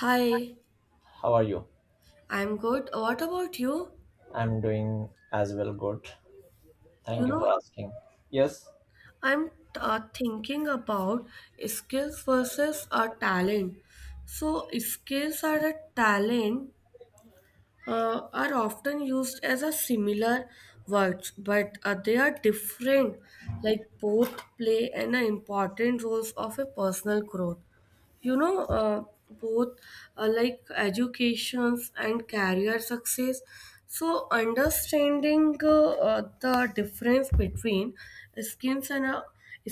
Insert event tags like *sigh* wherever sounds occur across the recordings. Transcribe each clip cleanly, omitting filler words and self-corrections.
Hi, How are you? I'm good. What about you? I'm doing as well good. You Thank you for know, asking. Yes. I'm thinking about skills versus a talent. So, skills are a talent are often used as a similar words, but they are different. Like both play an important roles of a personal growth. you know uh, Both like educations and career success, so understanding the difference between skills and uh,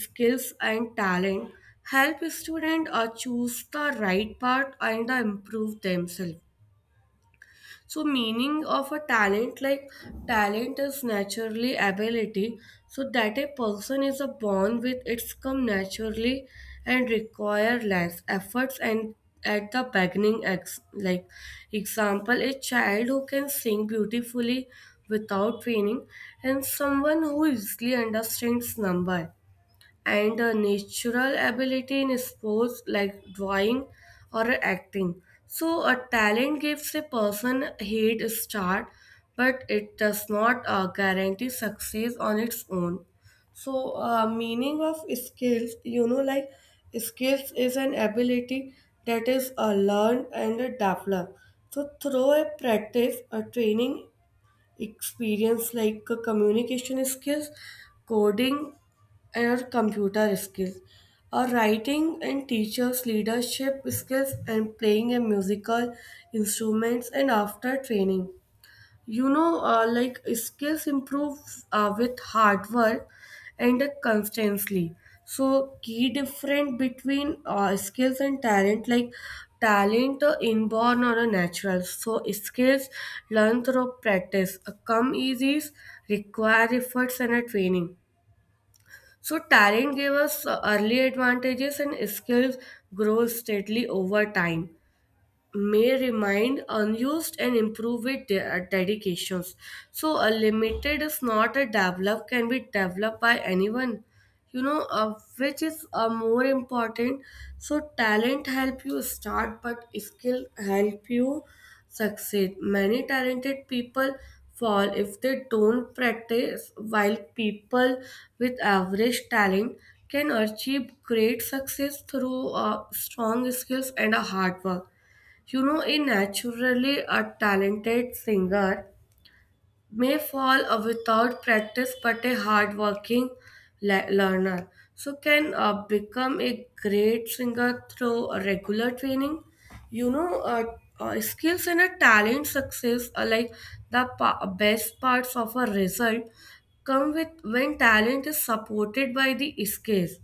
skills and talent help students choose the right path and improve themselves. So meaning of a talent, like talent is naturally ability, so that a person is a born with, it's come naturally and require less efforts, and at the beginning like example a child who can sing beautifully without training, and someone who easily understands number and a natural ability in sports like drawing or acting. So, a talent gives a person a head start, but it does not guarantee success on its own. So, meaning of skills, you know, like skills is an ability that is learned and developed. So, through a practice, a training experience, like communication skills, coding or computer skills or writing and teachers leadership skills and playing a musical instruments, and after training, like skills improve with hard work and constantly. So key difference between skills and talent, like talent inborn or a natural, so skills learn through practice, come easy, require efforts and a training. So talent gave us early advantages, and skills grow steadily over time, may remain unused and improve with dedications. So a limited is not a develop, can be developed by anyone. You know, which is more important. So talent help you start, but skill help you succeed. Many talented people fall if they don't practice, while people with average talent can achieve great success through strong skills and a hard work. You know, a naturally a talented singer may fall without practice, but a hardworking learner so can become a great singer through a regular training. You know, skills and a talent success are like the best parts of a result, come with when talent is supported by the skills,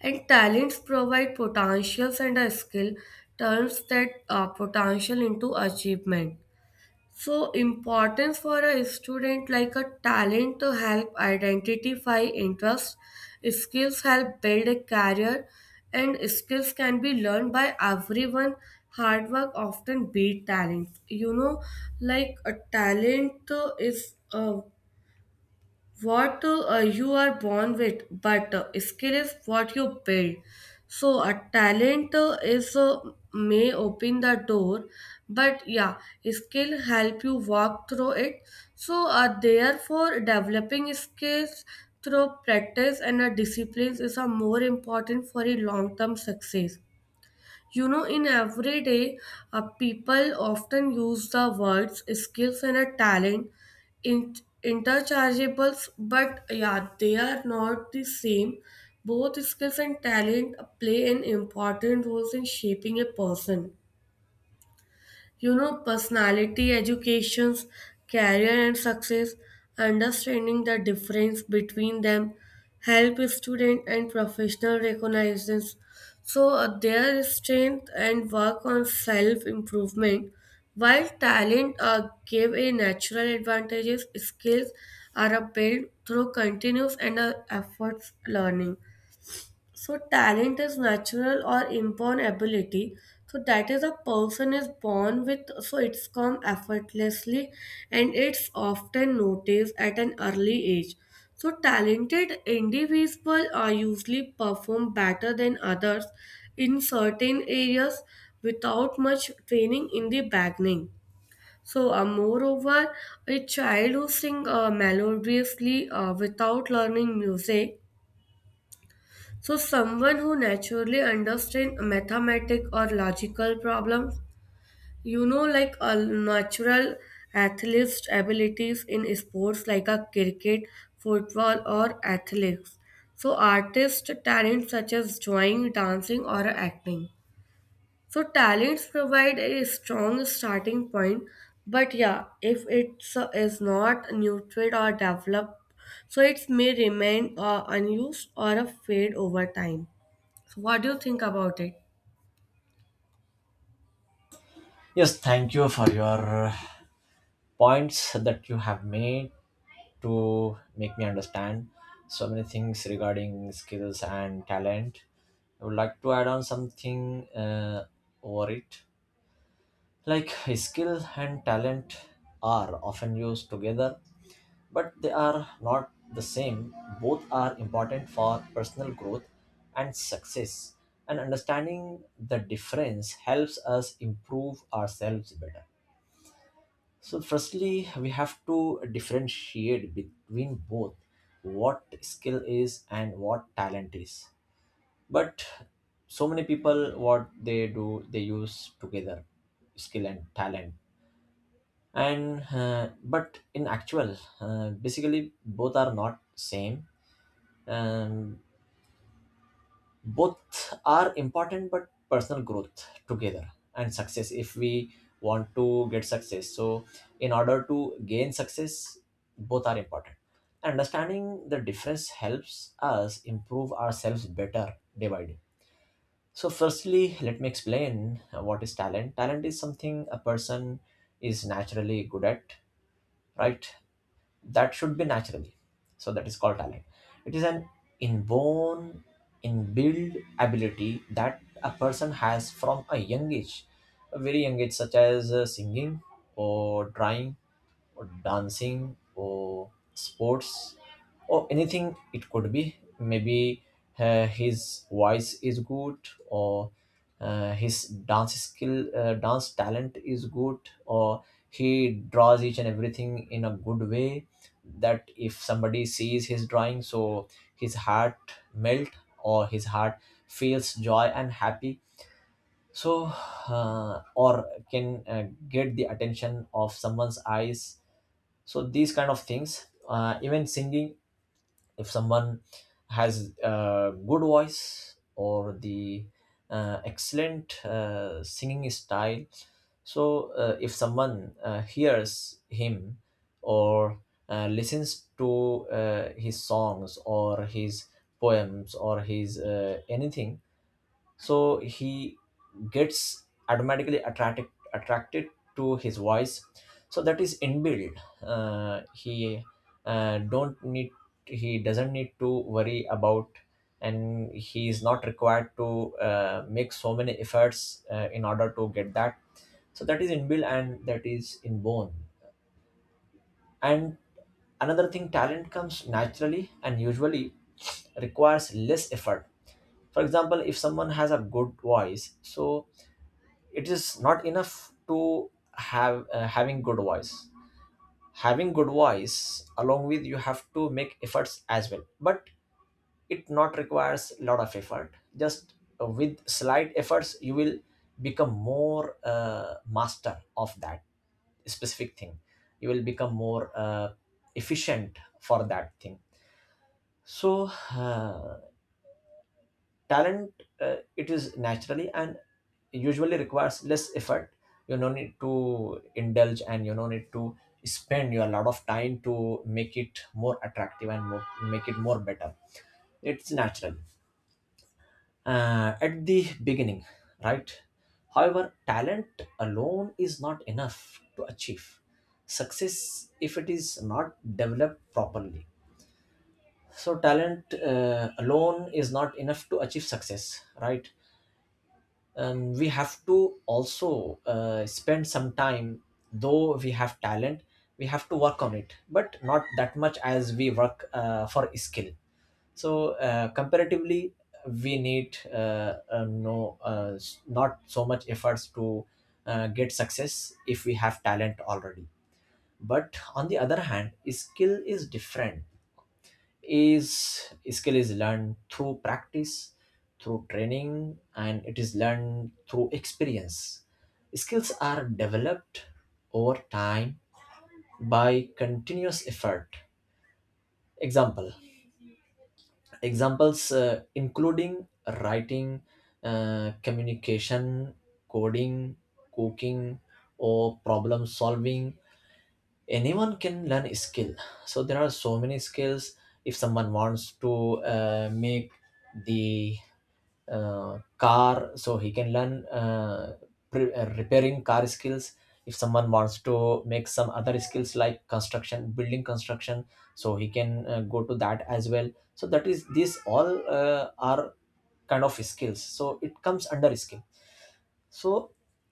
and talents provide potentials, and a skill turns that potential into achievement. So importance for a student, like a talent to help identify interests, skills help build a career, and skills can be learned by everyone. Hard work often beat talent. You know, like a talent is what you are born with, but skill is what you build. So a talent is may open the door, but yeah, skill help you walk through it. So therefore, developing skills through practice and disciplines is more important for a long term success. You know, in everyday, people often use the words skills and a talent in- interchangeables, but yeah, they are not the same. Both skills and talent play an important role in shaping a person, you know, personality, educations, career, and success. Understanding the difference between them help student and professional recognizes, so their strength, and work on self improvement while talent give a natural advantages, skills are built through continuous and efforts learning. So talent is natural or inborn ability. So that is a person is born with. So it's come effortlessly, and it's often noticed at an early age. So talented individuals are usually perform better than others in certain areas without much training in the beginning. So, moreover, a child who sings melodiously without learning music, so someone who naturally understands mathematics or logical problems, you know, like a natural athlete's abilities in sports like a cricket, football, or athletics. So artist talents such as drawing, dancing, or acting. So talents provide a strong starting point, but yeah, if it's is not nurtured or developed, so it may remain unused or fade over time. So what do you think about it? Yes, thank you for your points that you have made to make me understand so many things regarding skills and talent. I would like to add on something over it. Like skill and talent are often used together but they are not the same. Both are important for personal growth and success, and understanding the difference helps us improve ourselves better. So, firstly, we have to differentiate between both what skill is and what talent is. But so many people, what they do, they use together skill and talent and but in actual basically both are not same, um, both are important but personal growth together and success. If we want to get success, so in order to gain success both are important. Understanding the difference helps us improve ourselves better day by day. So firstly let me explain what is talent. Talent is something a person is naturally good at, right? That should be naturally, so that is called talent. It is an inborn, inbuilt ability that a person has from a young age, a very young age, such as singing or drawing or dancing or sports or anything it could be. Maybe his voice is good, or his dance skill, dance talent is good. Or he draws each and everything in a good way, that if somebody sees his drawing, so his heart melt, or his heart feels joy and happy. So or can get the attention of someone's eyes. So these kind of things, even singing, if someone has a good voice or the excellent singing style, so if someone hears him, or listens to his songs or his poems or his anything, so he gets automatically attracted to his voice. So that is inbuilt. Uh, he don't need he doesn't need to worry about, and he is not required to make so many efforts in order to get that. So that is inbuilt and that is inborn. And another thing, talent comes naturally and usually requires less effort. For example, if someone has a good voice, so it is not enough to have having good voice. Having good voice along with, you have to make efforts as well, but it not requires a lot of effort. Just with slight efforts you will become more master of that specific thing. You will become more efficient for that thing. So talent, it is naturally and usually requires less effort. You no need to indulge and you no need to spend your lot of time to make it more attractive and more, make it more better. It's natural at the beginning, right? However, talent alone is not enough to achieve success if it is not developed properly. So talent alone is not enough to achieve success, right? We have to also spend some time. Though we have talent, we have to work on it, but not that much as we work for skill. So comparatively we need not so much efforts to get success if we have talent already. But on the other hand, skill is different. Is skill is learned through practice, through training, and it is learned through experience. Skills are developed over time by continuous effort. Example examples including writing, communication, coding, cooking, or problem solving. Anyone can learn a skill. So there are so many skills. If someone wants to make the car, so he can learn, repairing car skills. If someone wants to make some other skills like construction, building construction, so he can go to that as well. So that is, these all are kind of skills, so it comes under skill. So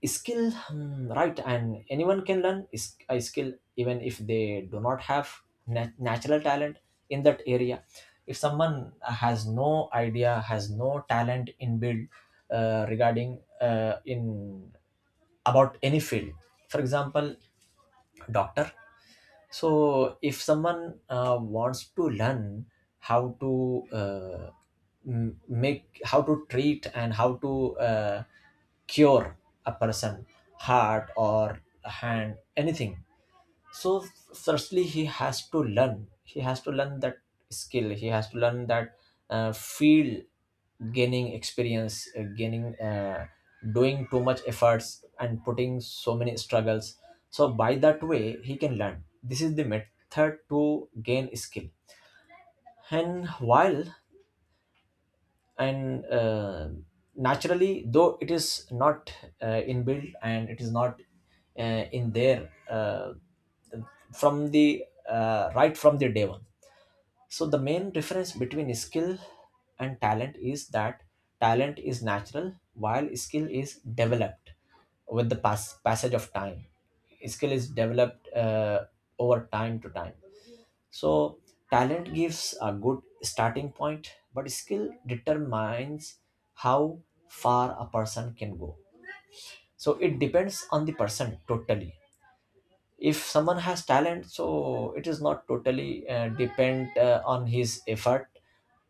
skill, hmm, right. And anyone can learn is a skill, even if they do not have natural talent in that area. If someone has no idea, has no talent in build, regarding in about any field, for example doctor. So if someone wants to learn how to make, how to treat, and how to cure a person, heart or hand, anything, so firstly he has to learn that skill. He has to learn that field, gaining experience, gaining doing too much efforts and putting so many struggles. So by that way he can learn. This is the method to gain skill. And while, and naturally, though it is not inbuilt and it is not in their from the right from the day one. So the main difference between skill and talent is that talent is natural while skill is developed with the passage of time. Skill is developed over time to time. So talent gives a good starting point, but skill determines how far a person can go. So it depends on the person totally. If someone has talent, so it is not totally depend on his effort,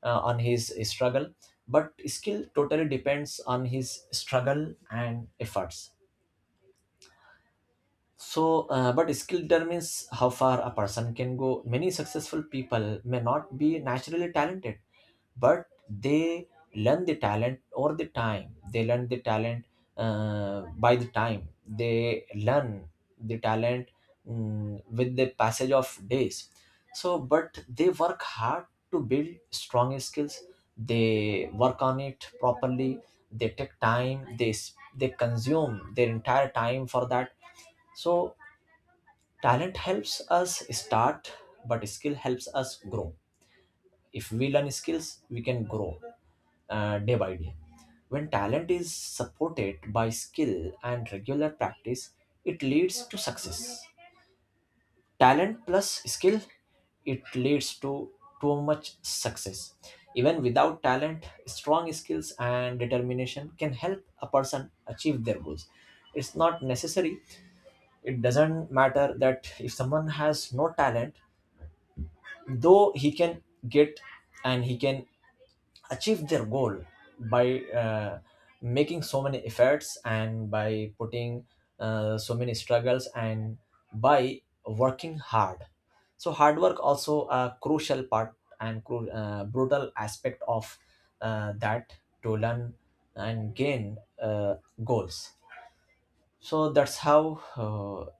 on his struggle. But skill totally depends on his struggle and efforts. So but skill determines how far a person can go. Many successful people may not be naturally talented, but they learn the talent over the time. They learn the talent by the time. They learn the talent, mm, with the passage of days. So but they work hard to build strong skills. They work on it properly. They take time. They consume their entire time for that. So talent helps us start, but skill helps us grow. If we learn skills, we can grow day by day. When talent is supported by skill and regular practice, it leads to success. Talent plus skill, it leads to too much success. Even without talent, strong skills and determination can help a person achieve their goals. It's not necessary, it doesn't matter that if someone has no talent, though he can get and he can achieve their goal by making so many efforts and by putting so many struggles and by working hard. So hard work also a crucial part and brutal aspect of that to learn and gain goals. So that's how,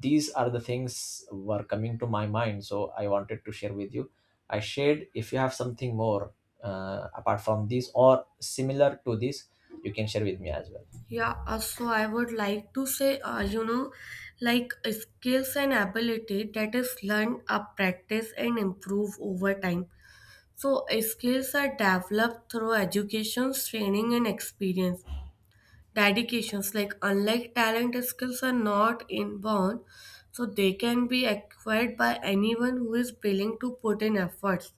these are the things were coming to my mind, so I wanted to share with you. I shared. If you have something more apart from this or similar to this, you can share with me as well. Yeah, so I would like to say, you know, like skills and ability that is learned, up, practice, and improve over time. So skills are developed through education, training, and experience. Dedications, like unlike talent, skills are not inborn, so they can be acquired by anyone who is willing to put in efforts.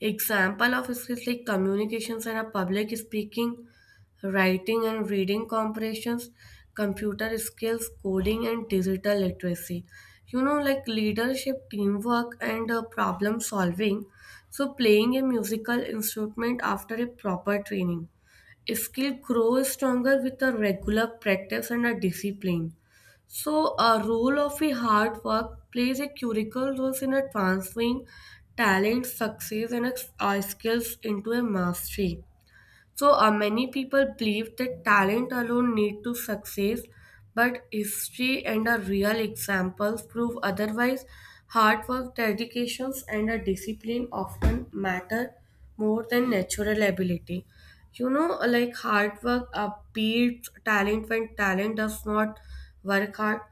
Example of skills like communications and a public speaking, writing and reading comprehensions, computer skills, coding and digital literacy. You know, like leadership, teamwork, and problem solving. So, playing a musical instrument after a proper training. Skill grows stronger with a regular practice and a discipline. So, a role of a hard work plays a critical role in a transferring talent, success, and skills into a mastery. So, many people believe that talent alone lead to success, but history and a real examples prove otherwise. Hard work, dedications, and a discipline often matter more than natural ability. You know, like hard work beats talent when talent does not work hard.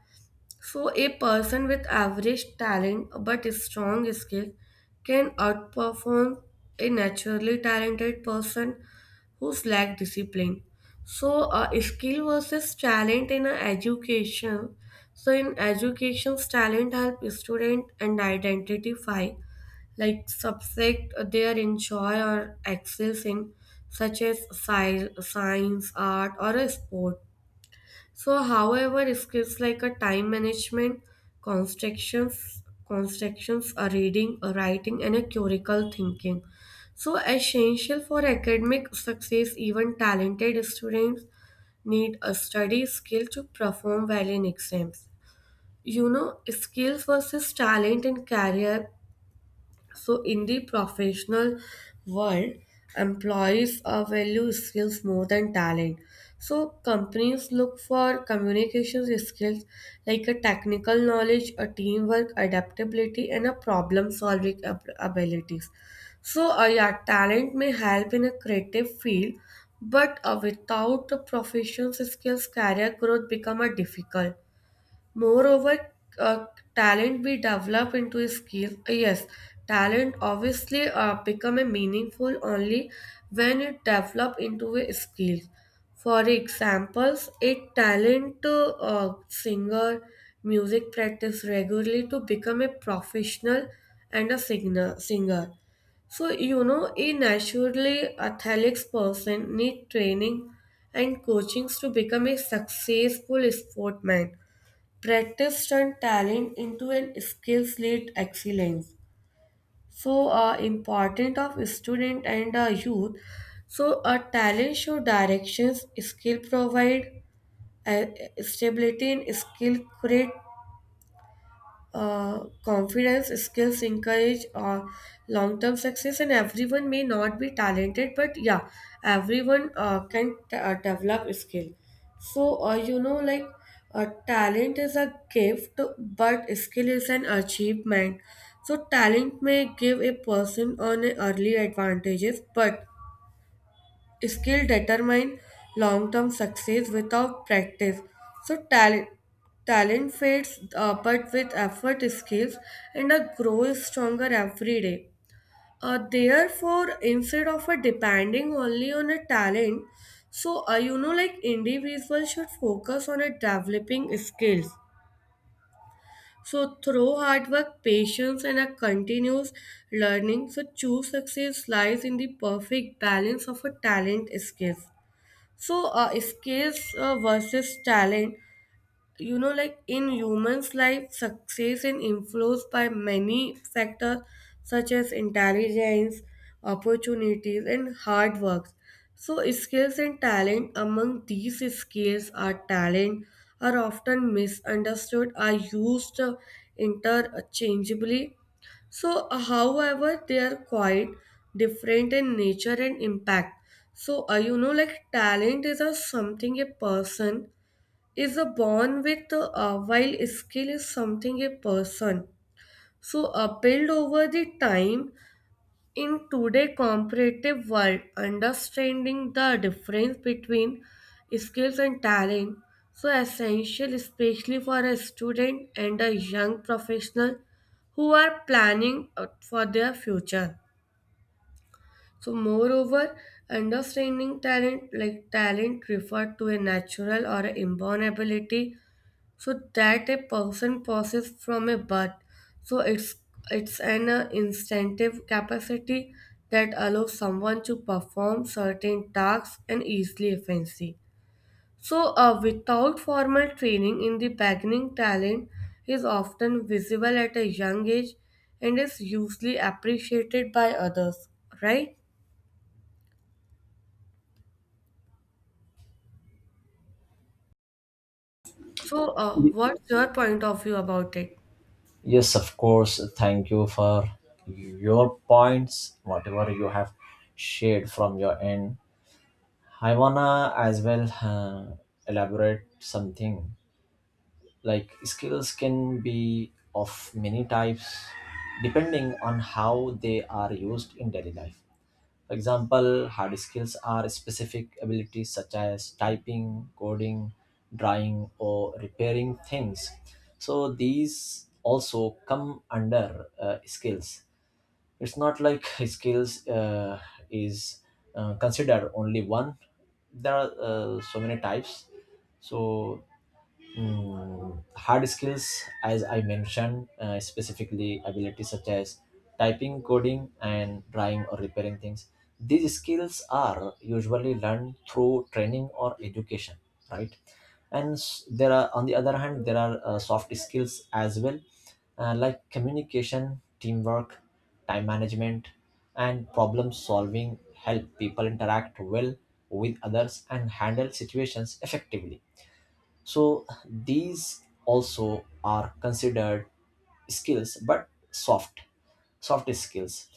So, a person with average talent but a strong skill can outperform a naturally talented person who's lack discipline. So, skill versus talent in a education. So, in education, talent help student and identify like subject they are enjoy or excel in, such as science, art, or a sport. So, however, skills like a time management, constructions, a reading, a writing, and a critical thinking. So, essential for academic success, even talented students need a study skill to perform well in exams. You know, skills versus talent in career, so, in the professional world, employees are value skills more than talent. So, companies look for communication skills like a technical knowledge, a teamwork, adaptability, and a problem solving abilities. So, yeah, talent may help in a creative field, but without the professional skills, career growth become a difficult. Moreover, uh, talent we develop into a skill. Yes, talent obviously become a meaningful only when it develop into a skill. For examples, a talent to singer, music practice regularly to become a professional and a singer. So you know, a naturally athletic person need training and coachings to become a successful sportman, practice turn talent into an skills led excellence. So important of student and youth, so a talent show directions, skill provide uh, stability, and skill create confidence, skills encourage long-term success, and everyone may not be talented, but yeah, everyone can develop skill. So you know, like talent is a gift but skill is an achievement. So talent may give a person an early advantages but skill determine long-term success without practice. So talent fades, but with effort, skills, and a grow is stronger every day. Therefore, instead of a depending only on a talent, so you know, like individuals should focus on a developing skills. So through hard work, patience, and a continuous learning, so true success lies in the perfect balance of a talent skills. So, skills versus talent, you know, like in humans' life, success is influenced by many factors such as intelligence, opportunities, and hard work. So, skills and talent among these skills are talent are often misunderstood, are used interchangeably. So, however, they are quite different in nature and impact. So, you know, like talent is a something a person is a born with, while skill is something a person. So, build over the time, in today's competitive world, understanding the difference between skills and talent, so essential especially for a student and a young professional who are planning out for their future. So moreover, understanding talent, like talent referred to a natural or an inborn ability so that a person passes from a birth. So it's an instinctive capacity that allows someone to perform certain tasks and easily efficiency. So without formal training in the beginning, talent is often visible at a young age and is usually appreciated by others. Right? So Y- what's your point of view about it? yes, of course, thank you for your points whatever you have shared from your end. I wanna as well elaborate something. Like skills can be of many types depending on how they are used in daily life. For example, hard skills are specific abilities such as typing, coding, drawing, or repairing things. So these also come under skills. It's not like *laughs* skills is considered only one. There are so many types. So mm, hard skills, as I mentioned, specifically abilities such as typing, coding, and drawing or repairing things. These skills are usually learned through training or education, right? And s- there are, on the other hand, there are soft skills as well, like communication, teamwork, time management, and problem solving, help people interact well with others and handle situations effectively. So these also are considered skills, but soft, soft skills.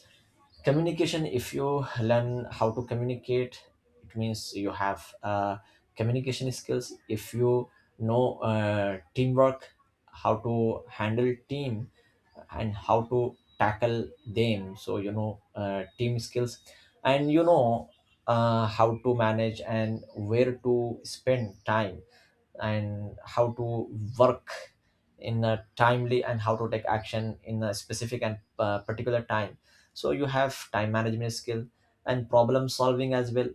Communication, if you learn how to communicate, it means you have communication skills. If you know teamwork, how to handle team and how to tackle them. So you know team skills, and you know how to manage and where to spend time and how to work in a timely and how to take action in a specific and particular time, so you have time management skill and problem solving as well.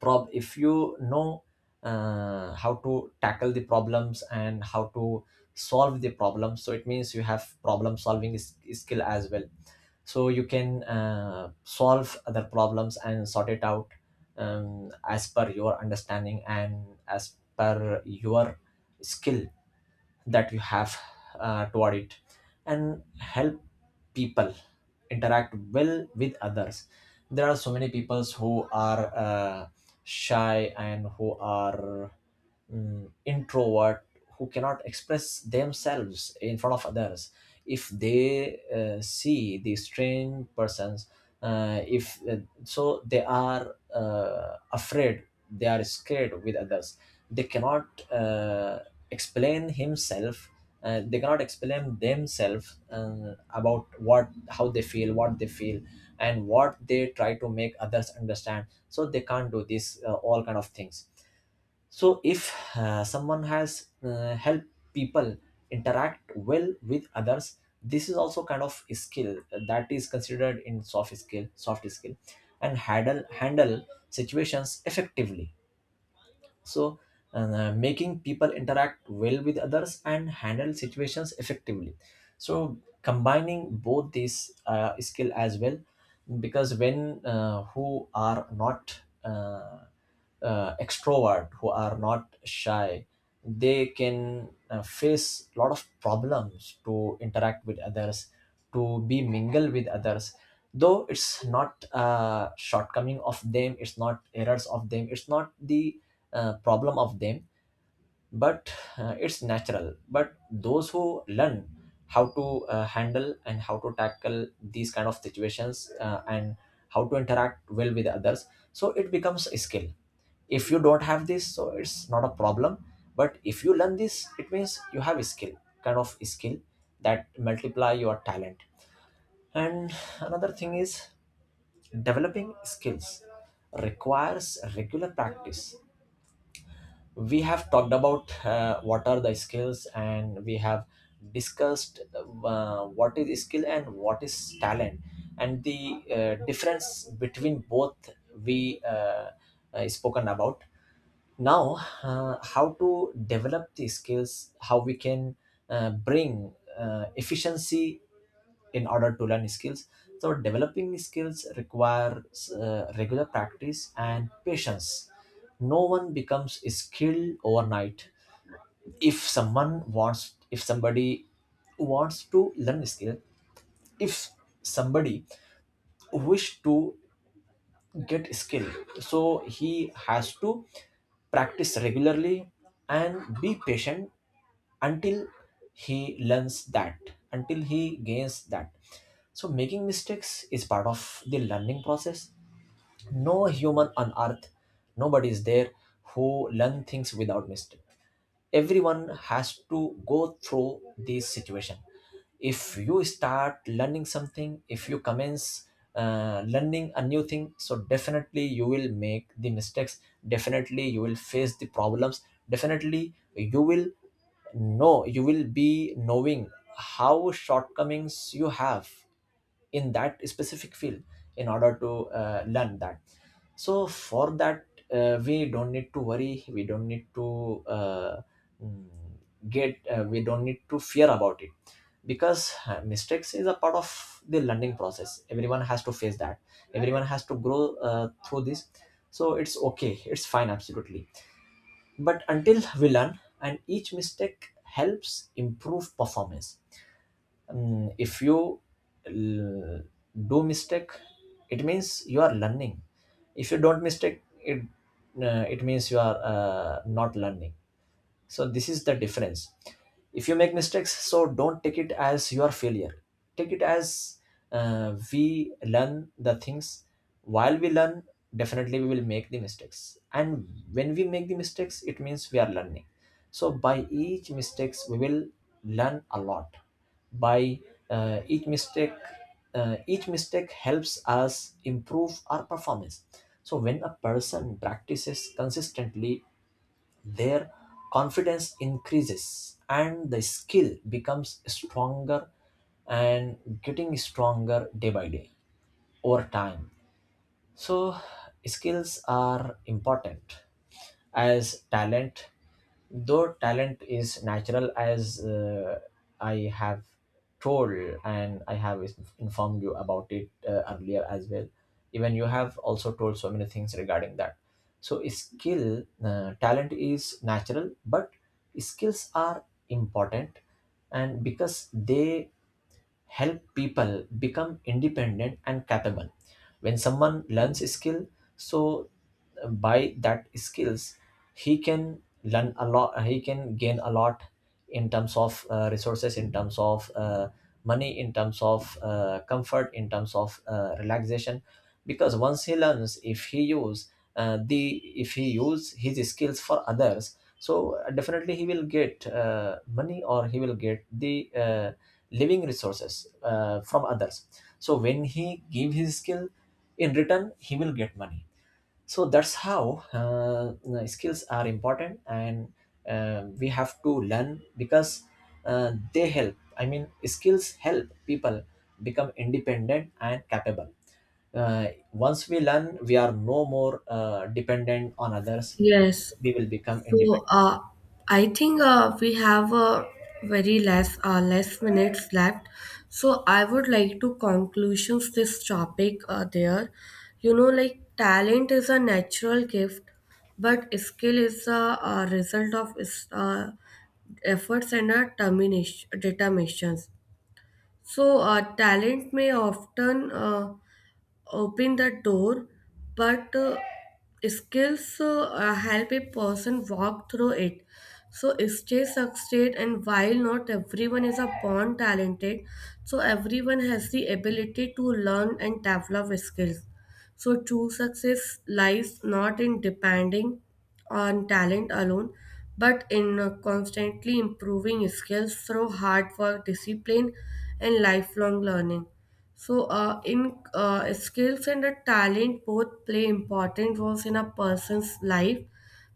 Prob If you know how to tackle the problems and how to solve the problem, so it means you have problem solving skill as well, so you can solve other problems and sort it out as per your understanding and as per your skill that you have toward it, and help people interact well with others. There are so many people who are shy and who are introvert, who cannot express themselves in front of others. If they see the strange persons, if so they are afraid, they are scared with others. They cannot uh, explain himself. They cannot explain themselves about what how they feel, what they feel, and what they try to make others understand, so they can't do this all kind of things. So, if someone has helped people interact well with others, this is also kind of skill that is considered in soft skill, and handle situations effectively. So, making people interact well with others and handle situations effectively. So, combining both these skill as well, because when who are not extrovert, who are not shy, they can face a lot of problems to interact with others, to be mingle with others. Though it's not a shortcoming of them, it's not errors of them, it's not the problem of them, but it's natural. But those who learn how to handle and how to tackle these kind of situations and how to interact well with others, so it becomes a skill. If you don't have this, so it's not a problem, but if you learn this, it means you have a skill, kind of a skill that multiply your talent. And another thing is developing skills requires regular practice. We have talked about what are the skills, and we have discussed what is skill and what is talent, and the difference between both we spoken about. Now how to develop the skills, how we can bring efficiency in order to learn skills. So developing skills requires regular practice and patience. No one becomes skilled overnight. If someone wants, if somebody wants to learn a skill, if somebody wish to get skill, so he has to practice regularly and be patient until he learns that, until he gains that. So making mistakes is part of the learning process. No human on earth, nobody is there who learn things without mistake. Everyone has to go through this situation. If you start learning something, if you commence learning a new thing, so definitely you will make the mistakes, definitely you will face the problems, definitely you will know, you will be knowing how shortcomings you have in that specific field in order to learn that. So for that, we don't need to worry, we don't need to mm, get we don't need to fear about it, because mistakes is a part of the learning process. Everyone has to face that, everyone has to grow through this. So it's okay, it's fine absolutely, but until we learn. And each mistake helps improve performance. If you l- do mistake, it means you are learning. If you don't mistake it, it means you are not learning. So this is the difference. If you make mistakes, so don't take it as your failure, take it as we learn the things. While we learn, definitely we will make the mistakes, and when we make the mistakes, it means we are learning. So by each mistakes we will learn a lot. By each mistake, each mistake helps us improve our performance. So when a person practices consistently, their confidence increases and the skill becomes stronger and getting stronger day by day over time. So skills are important as talent. Though talent is natural, as I have told, and I have informed you about it earlier as well, even you have also told so many things regarding that. So skill talent is natural, but skills are important, and because they help people become independent and capable. When someone learns a skill, so by that skills he can learn a lot, he can gain a lot in terms of resources, in terms of money, in terms of comfort, in terms of relaxation, because once he learns, if he use the if he use his skills for others, so definitely he will get money, or he will get the living resources from others. So when he give his skill, in return he will get money. So that's how skills are important, and we have to learn, because they help, I mean skills help people become independent and capable. uh, Once we learn, we are no more dependent on others, Yes. we will become So independent. I think we have a very less minutes left. So I would like to conclusions this topic there. You know, like talent is a natural gift, but skill is a, result of efforts and a termination determinations. So talent may often open the door, but skills help a person walk through it. So stay succeed, and while not everyone is a born talented, so everyone has the ability to learn and develop skills. So true success lies not in depending on talent alone, but in constantly improving skills through hard work, discipline, and lifelong learning. So, in skills and the talent both play important roles in a person's life,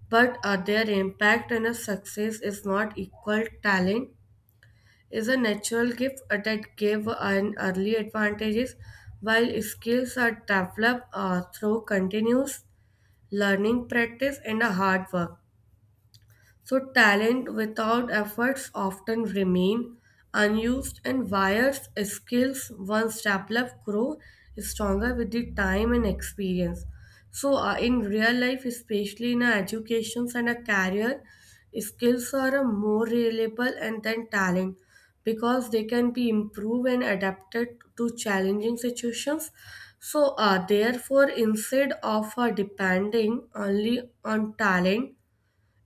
but their impact and a success is not equal. Talent is a natural gift that give an early advantages, while skills are developed through continuous learning, practice, and a hard work. So talent without efforts often remain unused and wires skills once developed grow stronger with the time and experience. So in real life, especially in educations and a career, skills are a more reliable and than talent because they can be improved and adapted to challenging situations. So therefore, instead of depending only on talent,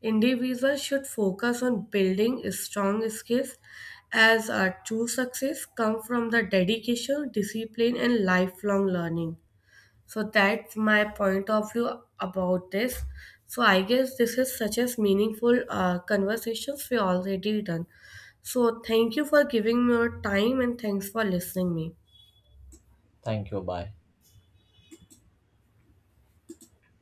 individuals should focus on building strong skills as our true success come from the dedication, discipline and lifelong learning. So that's my point of view about this. So I guess this is such as meaningful conversations we already done. So thank you for giving me your time and thanks for listening me. Thank you, bye.